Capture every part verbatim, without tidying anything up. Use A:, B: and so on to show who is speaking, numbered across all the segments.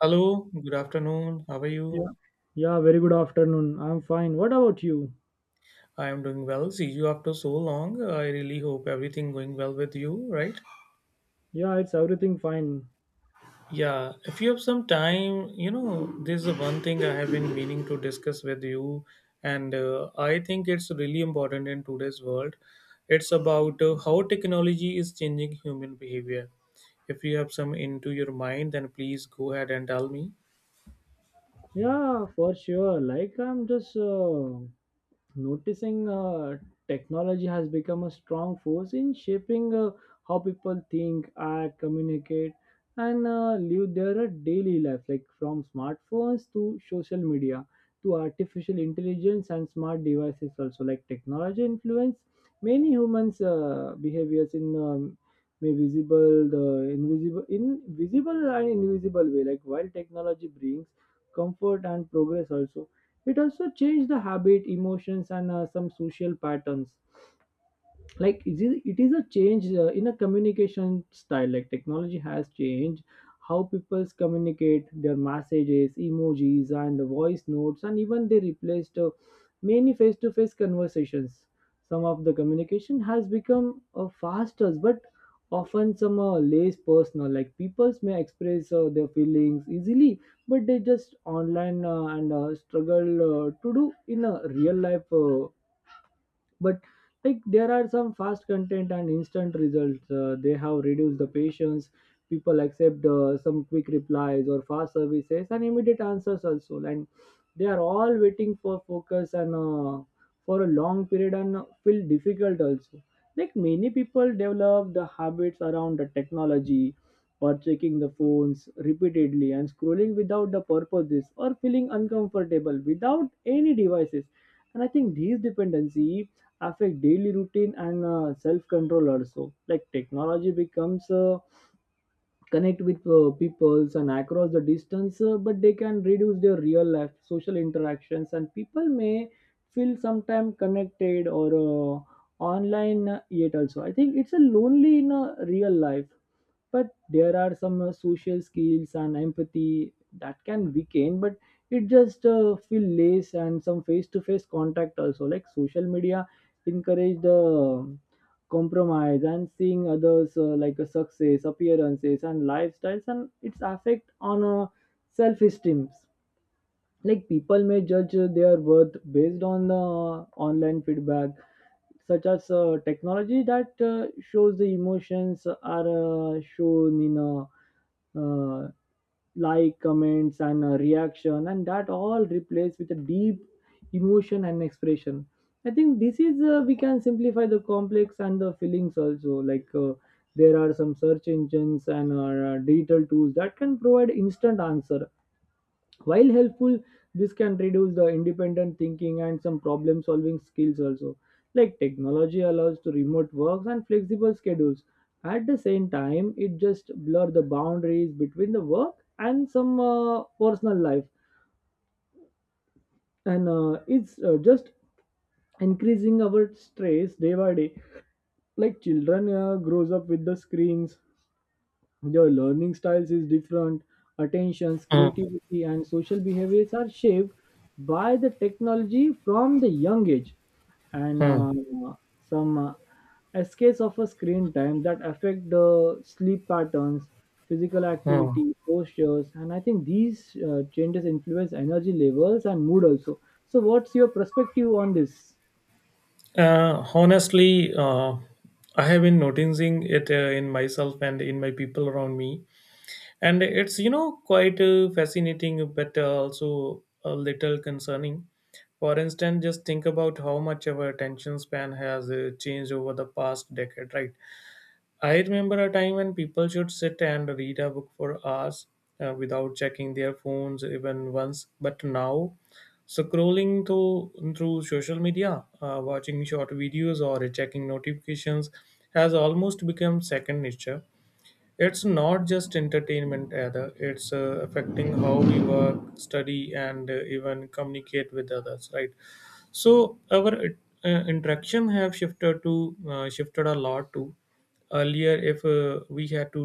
A: Hello, good afternoon. How are you?
B: Yeah. Yeah, very good afternoon. I'm fine. What about you?
A: I am doing well. See you after so long. uh, I really hope everything going well with you, right?
B: Yeah, it's everything fine.
A: Yeah, if you have some time, you know, this is one thing I have been meaning to discuss with you, and uh, I think it's really important in today's world. It's about uh, how technology is changing human behavior. If you have some into your mind, then please go ahead and tell me.
B: Yeah, for sure. Like I'm just uh, noticing uh, technology has become a strong force in shaping uh, how people think, act, communicate, and uh, live their uh, daily life, like from smartphones to social media to artificial intelligence and smart devices, also like technology influence many humans' uh, behaviors in. Um, may visible the invisible in visible and invisible way, like while technology brings comfort and progress also, it also changed the habit, emotions, and uh, some social patterns, like it is, it is a change uh, in a communication style. Like technology has changed how people communicate their messages, emojis, and the voice notes, and even they replaced uh, many face-to-face conversations. Some of the communication has become uh, faster, but often some uh, less personal, like people may express uh, their feelings easily but they just online uh, and uh, struggle uh, to do in a real life uh, but, like there are some fast content and instant results, uh, they have reduced the patience. People accept uh, some quick replies or fast services and immediate answers also, and they are all waiting for focus and uh, for a long period and feel difficult also. Like many people develop the habits around the technology, or checking the phones repeatedly and scrolling without the purposes or feeling uncomfortable without any devices, and I think these dependency affect daily routine and uh, self control also. Like technology becomes uh, connect with uh, peoples and across the distance uh, but they can reduce their real life social interactions, and people may feel sometime connected or uh, online uh, yet also, I think it's a lonely in a real life. But there are some uh, social skills and empathy that can weaken. But it just uh, feel less and some face-to-face contact also. Like social media encourage the um, compromise and seeing others uh, like a success appearances and lifestyles, and its affect on uh, self-esteem. Like people may judge uh, their worth based on the online feedback, such as uh, technology that uh, shows the emotions are uh, shown in a uh, like comments and uh, reaction, and that all replaced with a deep emotion and expression. I think this is uh, we can simplify the complex and the feelings also. Like uh, there are some search engines and uh, digital tools that can provide instant answer. While helpful, this can reduce the independent thinking and some problem solving skills also. Like technology allows to remote works and flexible schedules at the same time, it just blur the boundaries between the work and some uh, personal life, and uh, it's uh, just increasing our stress day by day. Like children uh, grows up with the screens, your learning styles is different, attentions,
A: Hmm.
B: creativity, and social behaviors are shaped by the technology from the young age. And
A: Hmm.
B: uh, some uh, escapes of a screen time that affect the sleep patterns, physical
A: Hmm.
B: activity, postures, and I think these uh, changes influence energy levels and mood also. So, what's your perspective on this?
A: Uh, honestly, uh, I have been noticing it uh, in myself and in my people around me, and it's you know quite uh, fascinating, but uh, also a little concerning. For instance, just think about how much our attention span has uh, changed over the past decade, right? I remember a time when people should sit and read a book for hours uh, without checking their phones even once. But now, scrolling through, through social media, uh, watching short videos, or checking notifications has almost become second nature. It's not just entertainment, either. It's uh, affecting how we work, study, and uh, even communicate with others, right? So our uh, interaction have shifted to uh, shifted a lot to earlier if uh, we had to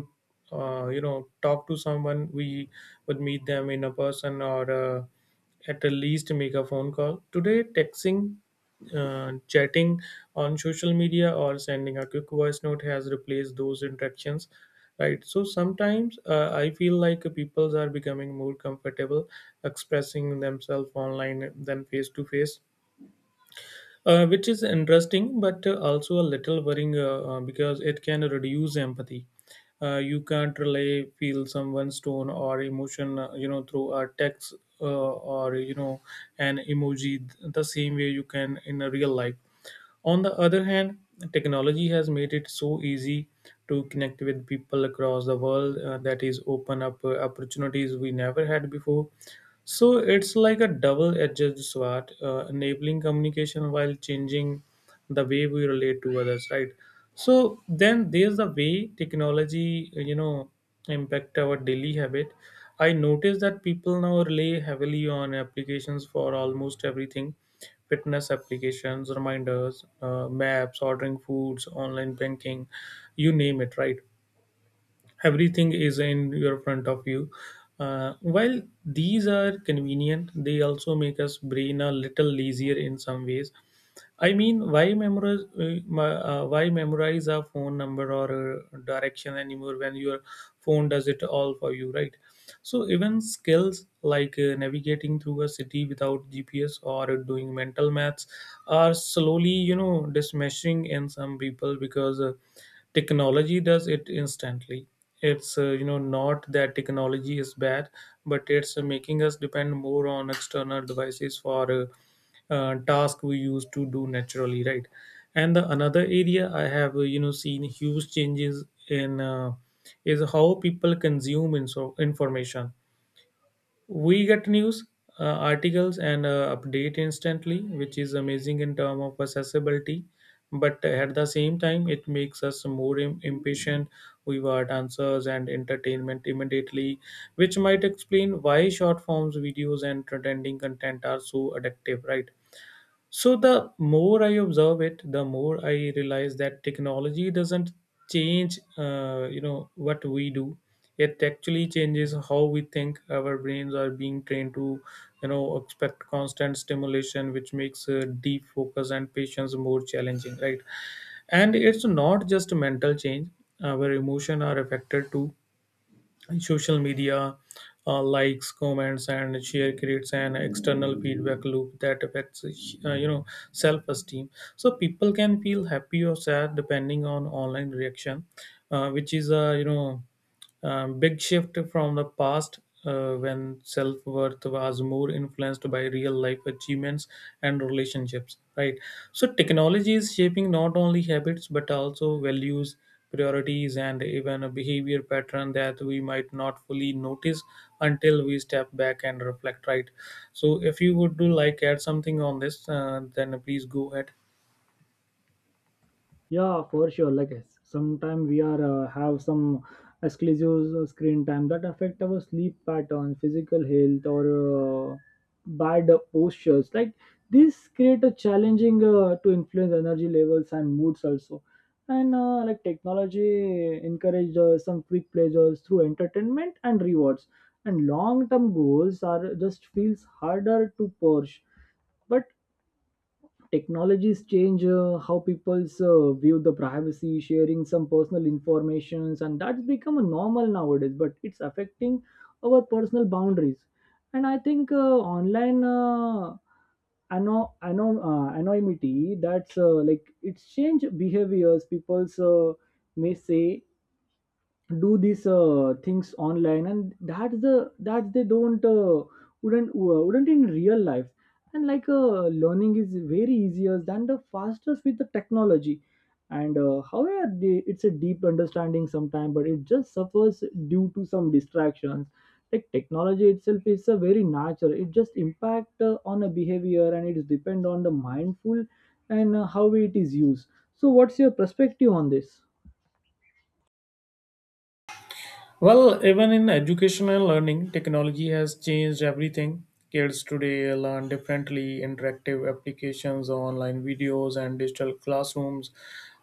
A: uh, you know talk to someone. We would meet them in a person or uh, at the least make a phone call. Today texting, uh, chatting on social media, or sending a quick voice note has replaced those interactions, right? So sometimes uh, I feel like people are becoming more comfortable expressing themselves online than face to face, uh, which is interesting but uh, also a little worrying, uh, uh, because it can reduce empathy. Uh, you can't really feel someone's tone or emotion uh, you know through a text uh, or you know an emoji th- the same way you can in a real life. On the other hand, technology has made it so easy to connect with people across the world, uh, that is open up uh, opportunities we never had before. So it's like a double-edged sword, uh, enabling communication while changing the way we relate to others, right? So then there's the way technology, uh, you know, impact our daily habit. I noticed that people now rely heavily on applications for almost everything, fitness applications, reminders, uh, maps, ordering foods, online banking, you name it, right? Everything is in your front of you. Uh, while these are convenient, they also make us brain a little lazier in some ways. I mean, why memorize uh, my- uh, why memorize a phone number or a direction anymore when your phone does it all for you, right? So even skills like uh, navigating through a city without G P S or doing mental maths are slowly, you know, dismissing in some people because uh, technology does it instantly. It's uh, you know not that technology is bad, but it's uh, making us depend more on external devices for. Uh, uh, task we used to do naturally, right? And the another area I have uh, you know seen huge changes in uh, is how people consume info- information. We get news, uh, articles, and uh, update instantly, which is amazing in terms of accessibility, but at the same time it makes us more im- impatient. We want answers and entertainment immediately, which might explain why short forms videos and trending content are so addictive, right? So the more I observe it, the more I realize that technology doesn't change, uh, you know, what we do. It actually changes how we think. Our brains are being trained to, you know, expect constant stimulation, which makes uh, deep focus and patience more challenging, right? And it's not just mental change. Our emotion are affected too. In social media, uh, likes, comments, and share creates an external feedback loop that affects, uh, you know self-esteem. So people can feel happy or sad depending on online reaction, uh, which is a, you know um, big shift from the past, uh, when self worth was more influenced by real life achievements and relationships, right? So, technology is shaping not only habits but also values, priorities, and even a behavior pattern that we might not fully notice until we step back and reflect, right? So, if you would do like add something on this, uh, then please go ahead.
B: Yeah, for sure. Like sometimes we are uh, have some exclusive screen time that affect our sleep pattern, physical health, or uh, bad postures. Like this create a challenging uh, to influence energy levels and moods also. And uh, like technology encourage uh, some quick pleasures through entertainment and rewards, and long term goals are just feels harder to push. But technologies change uh, how people's uh, view the privacy, sharing some personal informations, and that's become a normal nowadays, but it's affecting our personal boundaries. And I think uh, online uh, ano- ano- uh, anonymity that's uh, like it's change behaviors, people's uh, may say do these uh, things online and that's the that they don't uh, wouldn't uh, wouldn't in real life. And like uh, learning is very easier than the fastest with the technology. And uh, however they, it's a deep understanding sometimes, but it just suffers due to some distractions. Like technology itself is a very natural, it just impact uh, on a behavior, and it is depend on the mindful and uh, how it is used. So, what's your perspective on this?
A: Well, even in education and learning, technology has changed everything. Kids today learn differently, interactive applications, online videos, and digital classrooms,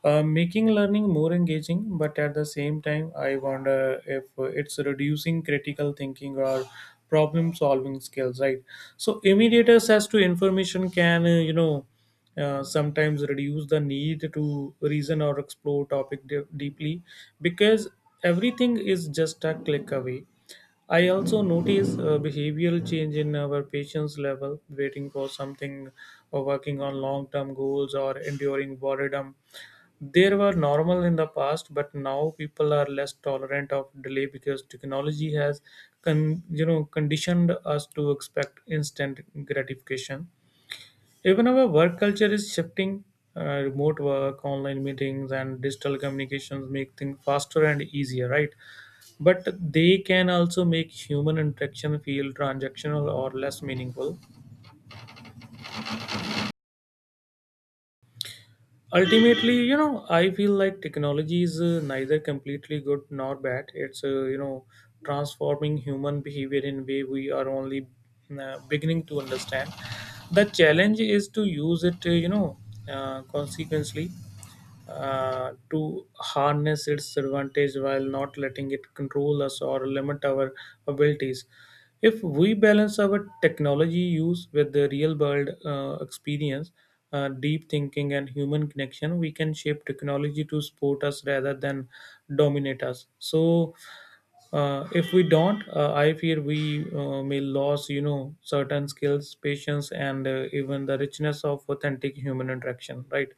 A: uh, making learning more engaging. But at the same time, I wonder if uh, it's reducing critical thinking or problem solving skills, right? So, immediate access to information can, uh, you know, uh, sometimes reduce the need to reason or explore topic de- deeply, because everything is just a click away. I also notice uh, behavioral change in our patience level, waiting for something or working on long term goals or enduring boredom. They were normal in the past, but now people are less tolerant of delay because technology has con- you know conditioned us to expect instant gratification. Even our work culture is shifting. Uh, remote work, online meetings, and digital communications make things faster and easier, right? But they can also make human interaction feel transactional or less meaningful. Ultimately, you know, I feel like technology is uh, neither completely good nor bad. It's, uh, you know, transforming human behavior in way we are only uh, beginning to understand. The challenge is to use it, uh, you know, uh, consequently uh, to harness its advantage while not letting it control us or limit our abilities. If we balance our technology use with the real world uh, experience, uh, deep thinking, and human connection, we can shape technology to support us rather than dominate us. So, uh, if we don't, uh, I fear we uh, may lose, you know, certain skills, patience, and uh, even the richness of authentic human interaction, right?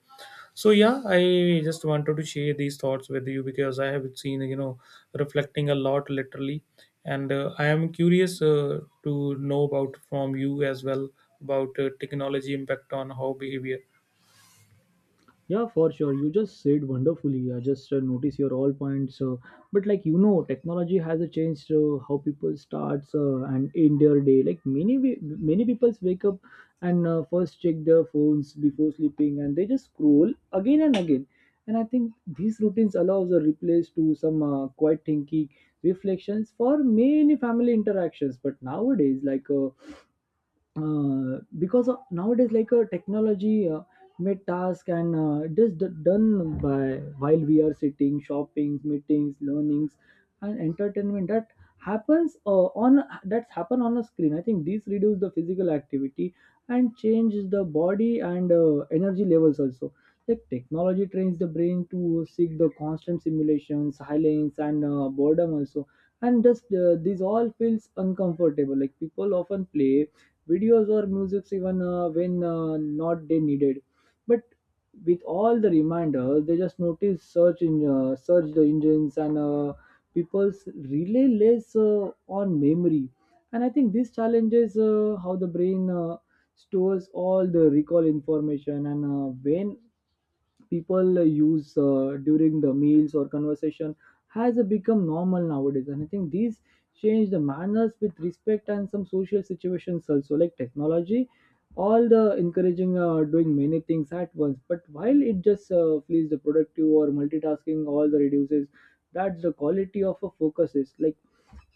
A: So yeah, I just wanted to share these thoughts with you because I have seen, you know, reflecting a lot literally, and uh, I am curious uh, to know about from you as well about uh, technology impact on how behavior.
B: Yeah, for sure. You just said wonderfully. I just uh, notice your all points. Uh, but, like you know, technology has uh, changed uh, how people starts uh, and end their day. Like many we- many people wake up and uh, first check their phones before sleeping, and they just scroll again and again. And I think these routines allows a replace to some uh, quiet thinking, reflections for many family interactions. But nowadays, like. Uh, uh, because uh, nowadays, like uh, technology uh, made task and uh, it is d- done by while we are sitting, shopping, meetings, learnings, and entertainment that happens uh, on that's happen on a screen. I think this reduce the physical activity and changes the body and uh, energy levels also. Like technology trains the brain to seek the constant simulation, silence, and uh, boredom also, and just uh, these all feels uncomfortable. Like people often play videos or musics even uh, when uh, not they needed. But with all the reminders, they just notice search in uh, search the engines, and uh, people's relay less uh, on memory. And I think this challenges uh, how the brain uh, stores all the recall information. And uh, when people uh, use uh, during the meals or conversation has uh, become normal nowadays. And I think these change the manners with respect and some social situations also. Like technology all the encouraging uh, doing many things at once, but while it just uh, please the productive or multitasking all the reduces that the quality of a focus is. Like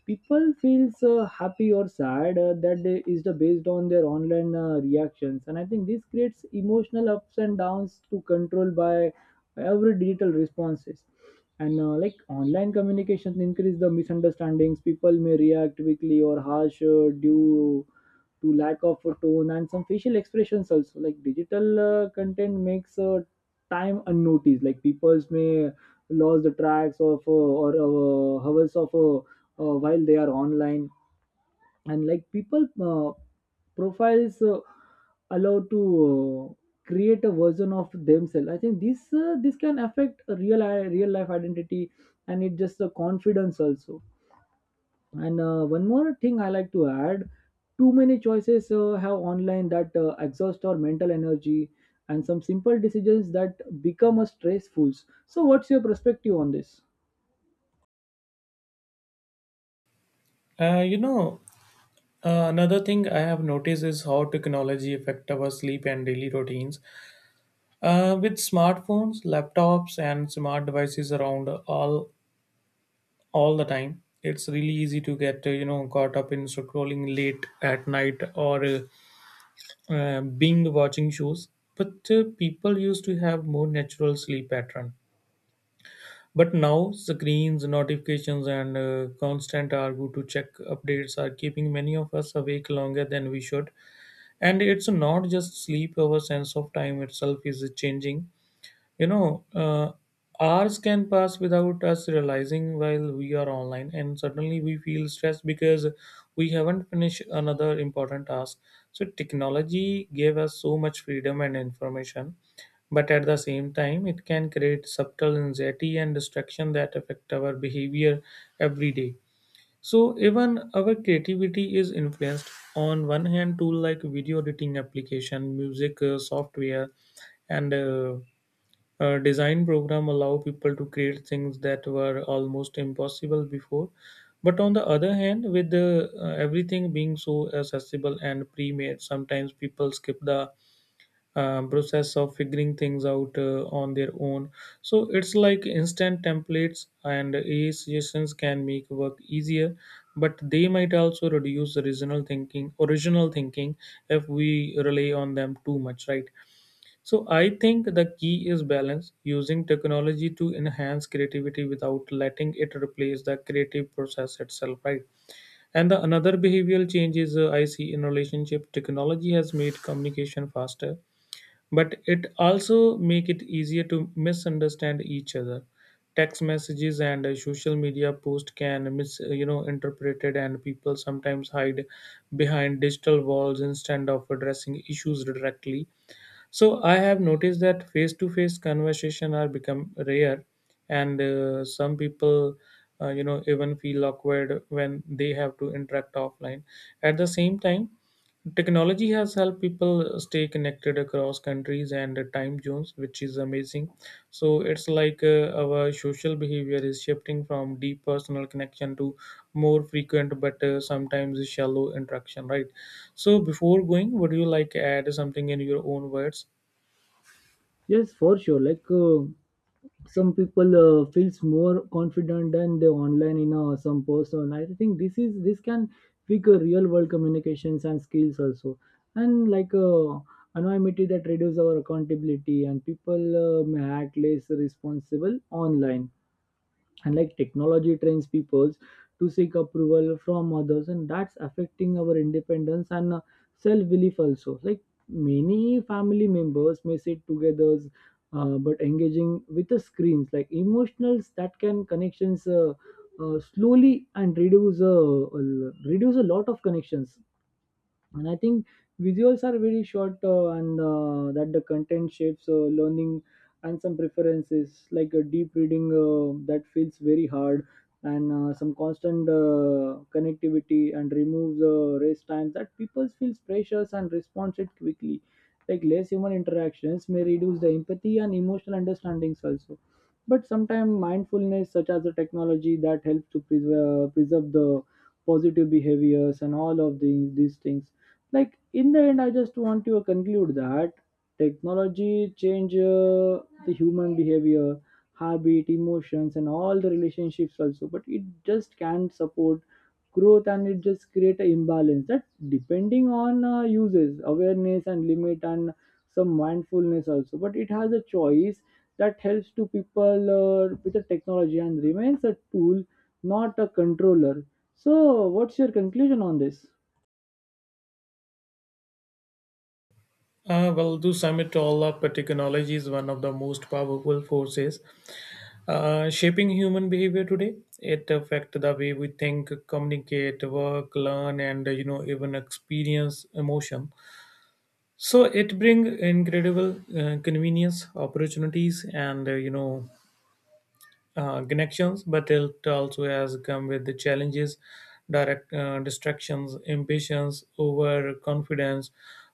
B: people feels uh, happy or sad uh, that they, is the based on their online uh, reactions. And I think this creates emotional ups and downs to control by every digital responses. And uh, like online communications increase the misunderstandings, people may react quickly or harsh uh, due to lack of a tone and some facial expressions also. Like digital uh, content makes uh, time unnoticed, like people may lose the tracks of uh, or uh, hours of uh, uh, while they are online. And like people uh, profiles uh, allowed to uh, create a version of themselves. I think this uh, this can affect a real uh, real life identity, and it just the confidence also. And uh, one more thing I like to add: too many choices uh, have online that uh, exhaust our mental energy, and some simple decisions that become a stressful. So, what's your perspective on this?
A: Uh, you know, uh, another thing I have noticed is how technology affect our sleep and daily routines. Uh, with smartphones, laptops, and smart devices around all all the time, it's really easy to get uh, you know caught up in scrolling late at night or uh, uh, being watching shows. But uh, people used to have more natural sleep pattern. But now screens, notifications, and uh, constant argue to check updates are keeping many of us awake longer than we should. And it's not just sleep; our sense of time itself is changing. You know, uh, hours can pass without us realizing while we are online, and suddenly we feel stressed because we haven't finished another important task. So, technology gave us so much freedom and information, but at the same time, it can create subtle anxiety and distraction that affect our behavior every day. So, even our creativity is influenced. On one hand, tool like video editing application, music uh, software, and uh, uh, design program allow people to create things that were almost impossible before. But on the other hand, with the, uh, everything being so accessible and pre-made, sometimes people skip the um, process of figuring things out uh, on their own. So it's like instant templates and A I suggestions can make work easier, but they might also reduce original thinking. Original thinking if we rely on them too much, right? So I think the key is balance, using technology to enhance creativity without letting it replace the creative process itself, right? And the another behavioral change is uh, I see in relationship, technology has made communication faster, but it also make it easier to misunderstand each other. Text messages and uh, social media post can mis uh, you know interpreted, and people sometimes hide behind digital walls instead of addressing issues directly. So I have noticed that face-to-face conversation are become rare, and uh, some people, uh, you know, even feel awkward when they have to interact offline. At the same time, technology has helped people stay connected across countries and time zones, which is amazing. So it's like uh, our social behavior is shifting from deep personal connection to more frequent but uh, sometimes shallow interaction, right? So before going, would you like add something in your own words?
B: Yes, for sure. Like uh, some people uh, feels more confident than they online in uh, some person. I think this is this can pick uh, real world communications and skills also. And like uh, anonymity that reduces our accountability, and people uh, may act less responsible online. And like technology trains peoples to seek approval from others, and that's affecting our independence and uh, self-belief also. Like many family members may sit together uh, but engaging with the screens, like emotionals that can connections uh, uh, slowly and reduce uh, uh, reduce a lot of connections. And I think visuals are very short uh, and uh, that the content shapes uh, learning and some preferences, like a deep reading uh, that feels very hard. And uh, some constant uh, connectivity and removes uh, race times, that people feels pressures and responds it quickly. Like less human interactions may reduce the empathy and emotional understandings also. But sometimes mindfulness such as the technology that helps to preserve, preserve the positive behaviors and all of the, these things. Like in the end, I just want to conclude that technology change uh, the human behavior, habit, emotions, and all the relationships also, but it just can't support growth, and it just create an imbalance that depending on uh, uses awareness and limit and some mindfulness also. But it has a choice that helps to people uh, with the technology and remains a tool, not a controller. So, what's your conclusion on this?
A: Uh, well, to sum it all up, technology is one of the most powerful forces uh, shaping human behavior today. It affects the way we think, communicate, work, learn, and you know even experience emotion. So it brings incredible uh, convenience, opportunities, and uh, you know uh, connections, but it also has come with the challenges, direct uh, distractions, impatience, overconfidence,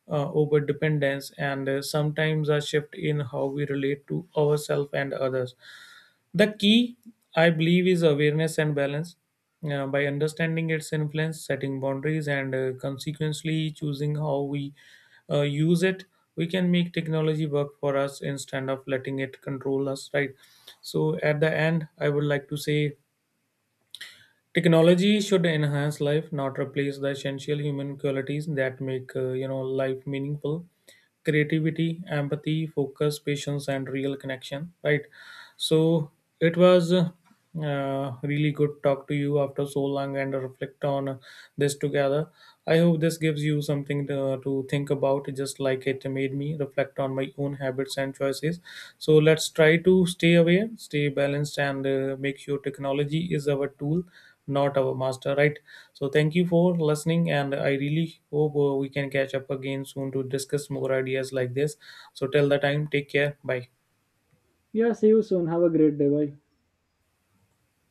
A: uh, overdependence, and uh, sometimes a shift in how we relate to ourselves and others. The key, I believe, is awareness and balance. Uh, by understanding its influence, setting boundaries, and uh, consequently choosing how we uh, use it, we can make technology work for us instead of letting it control us, right? So, at the end, I would like to say technology should enhance life, not replace the essential human qualities that make uh, you know life meaningful. Creativity, empathy, focus, patience, and real connection. Right. So it was uh, uh, really good talk to you after so long and reflect on this together. I hope this gives you something to, to think about, just like it made me reflect on my own habits and choices. So let's try to stay aware, stay balanced, and uh, make sure technology is our tool, not our master, right? So thank you for listening, and I really hope uh, we can catch up again soon to discuss more ideas like this. So till the time, take care. Bye.
B: Yeah, see you soon. Have a great day. Bye.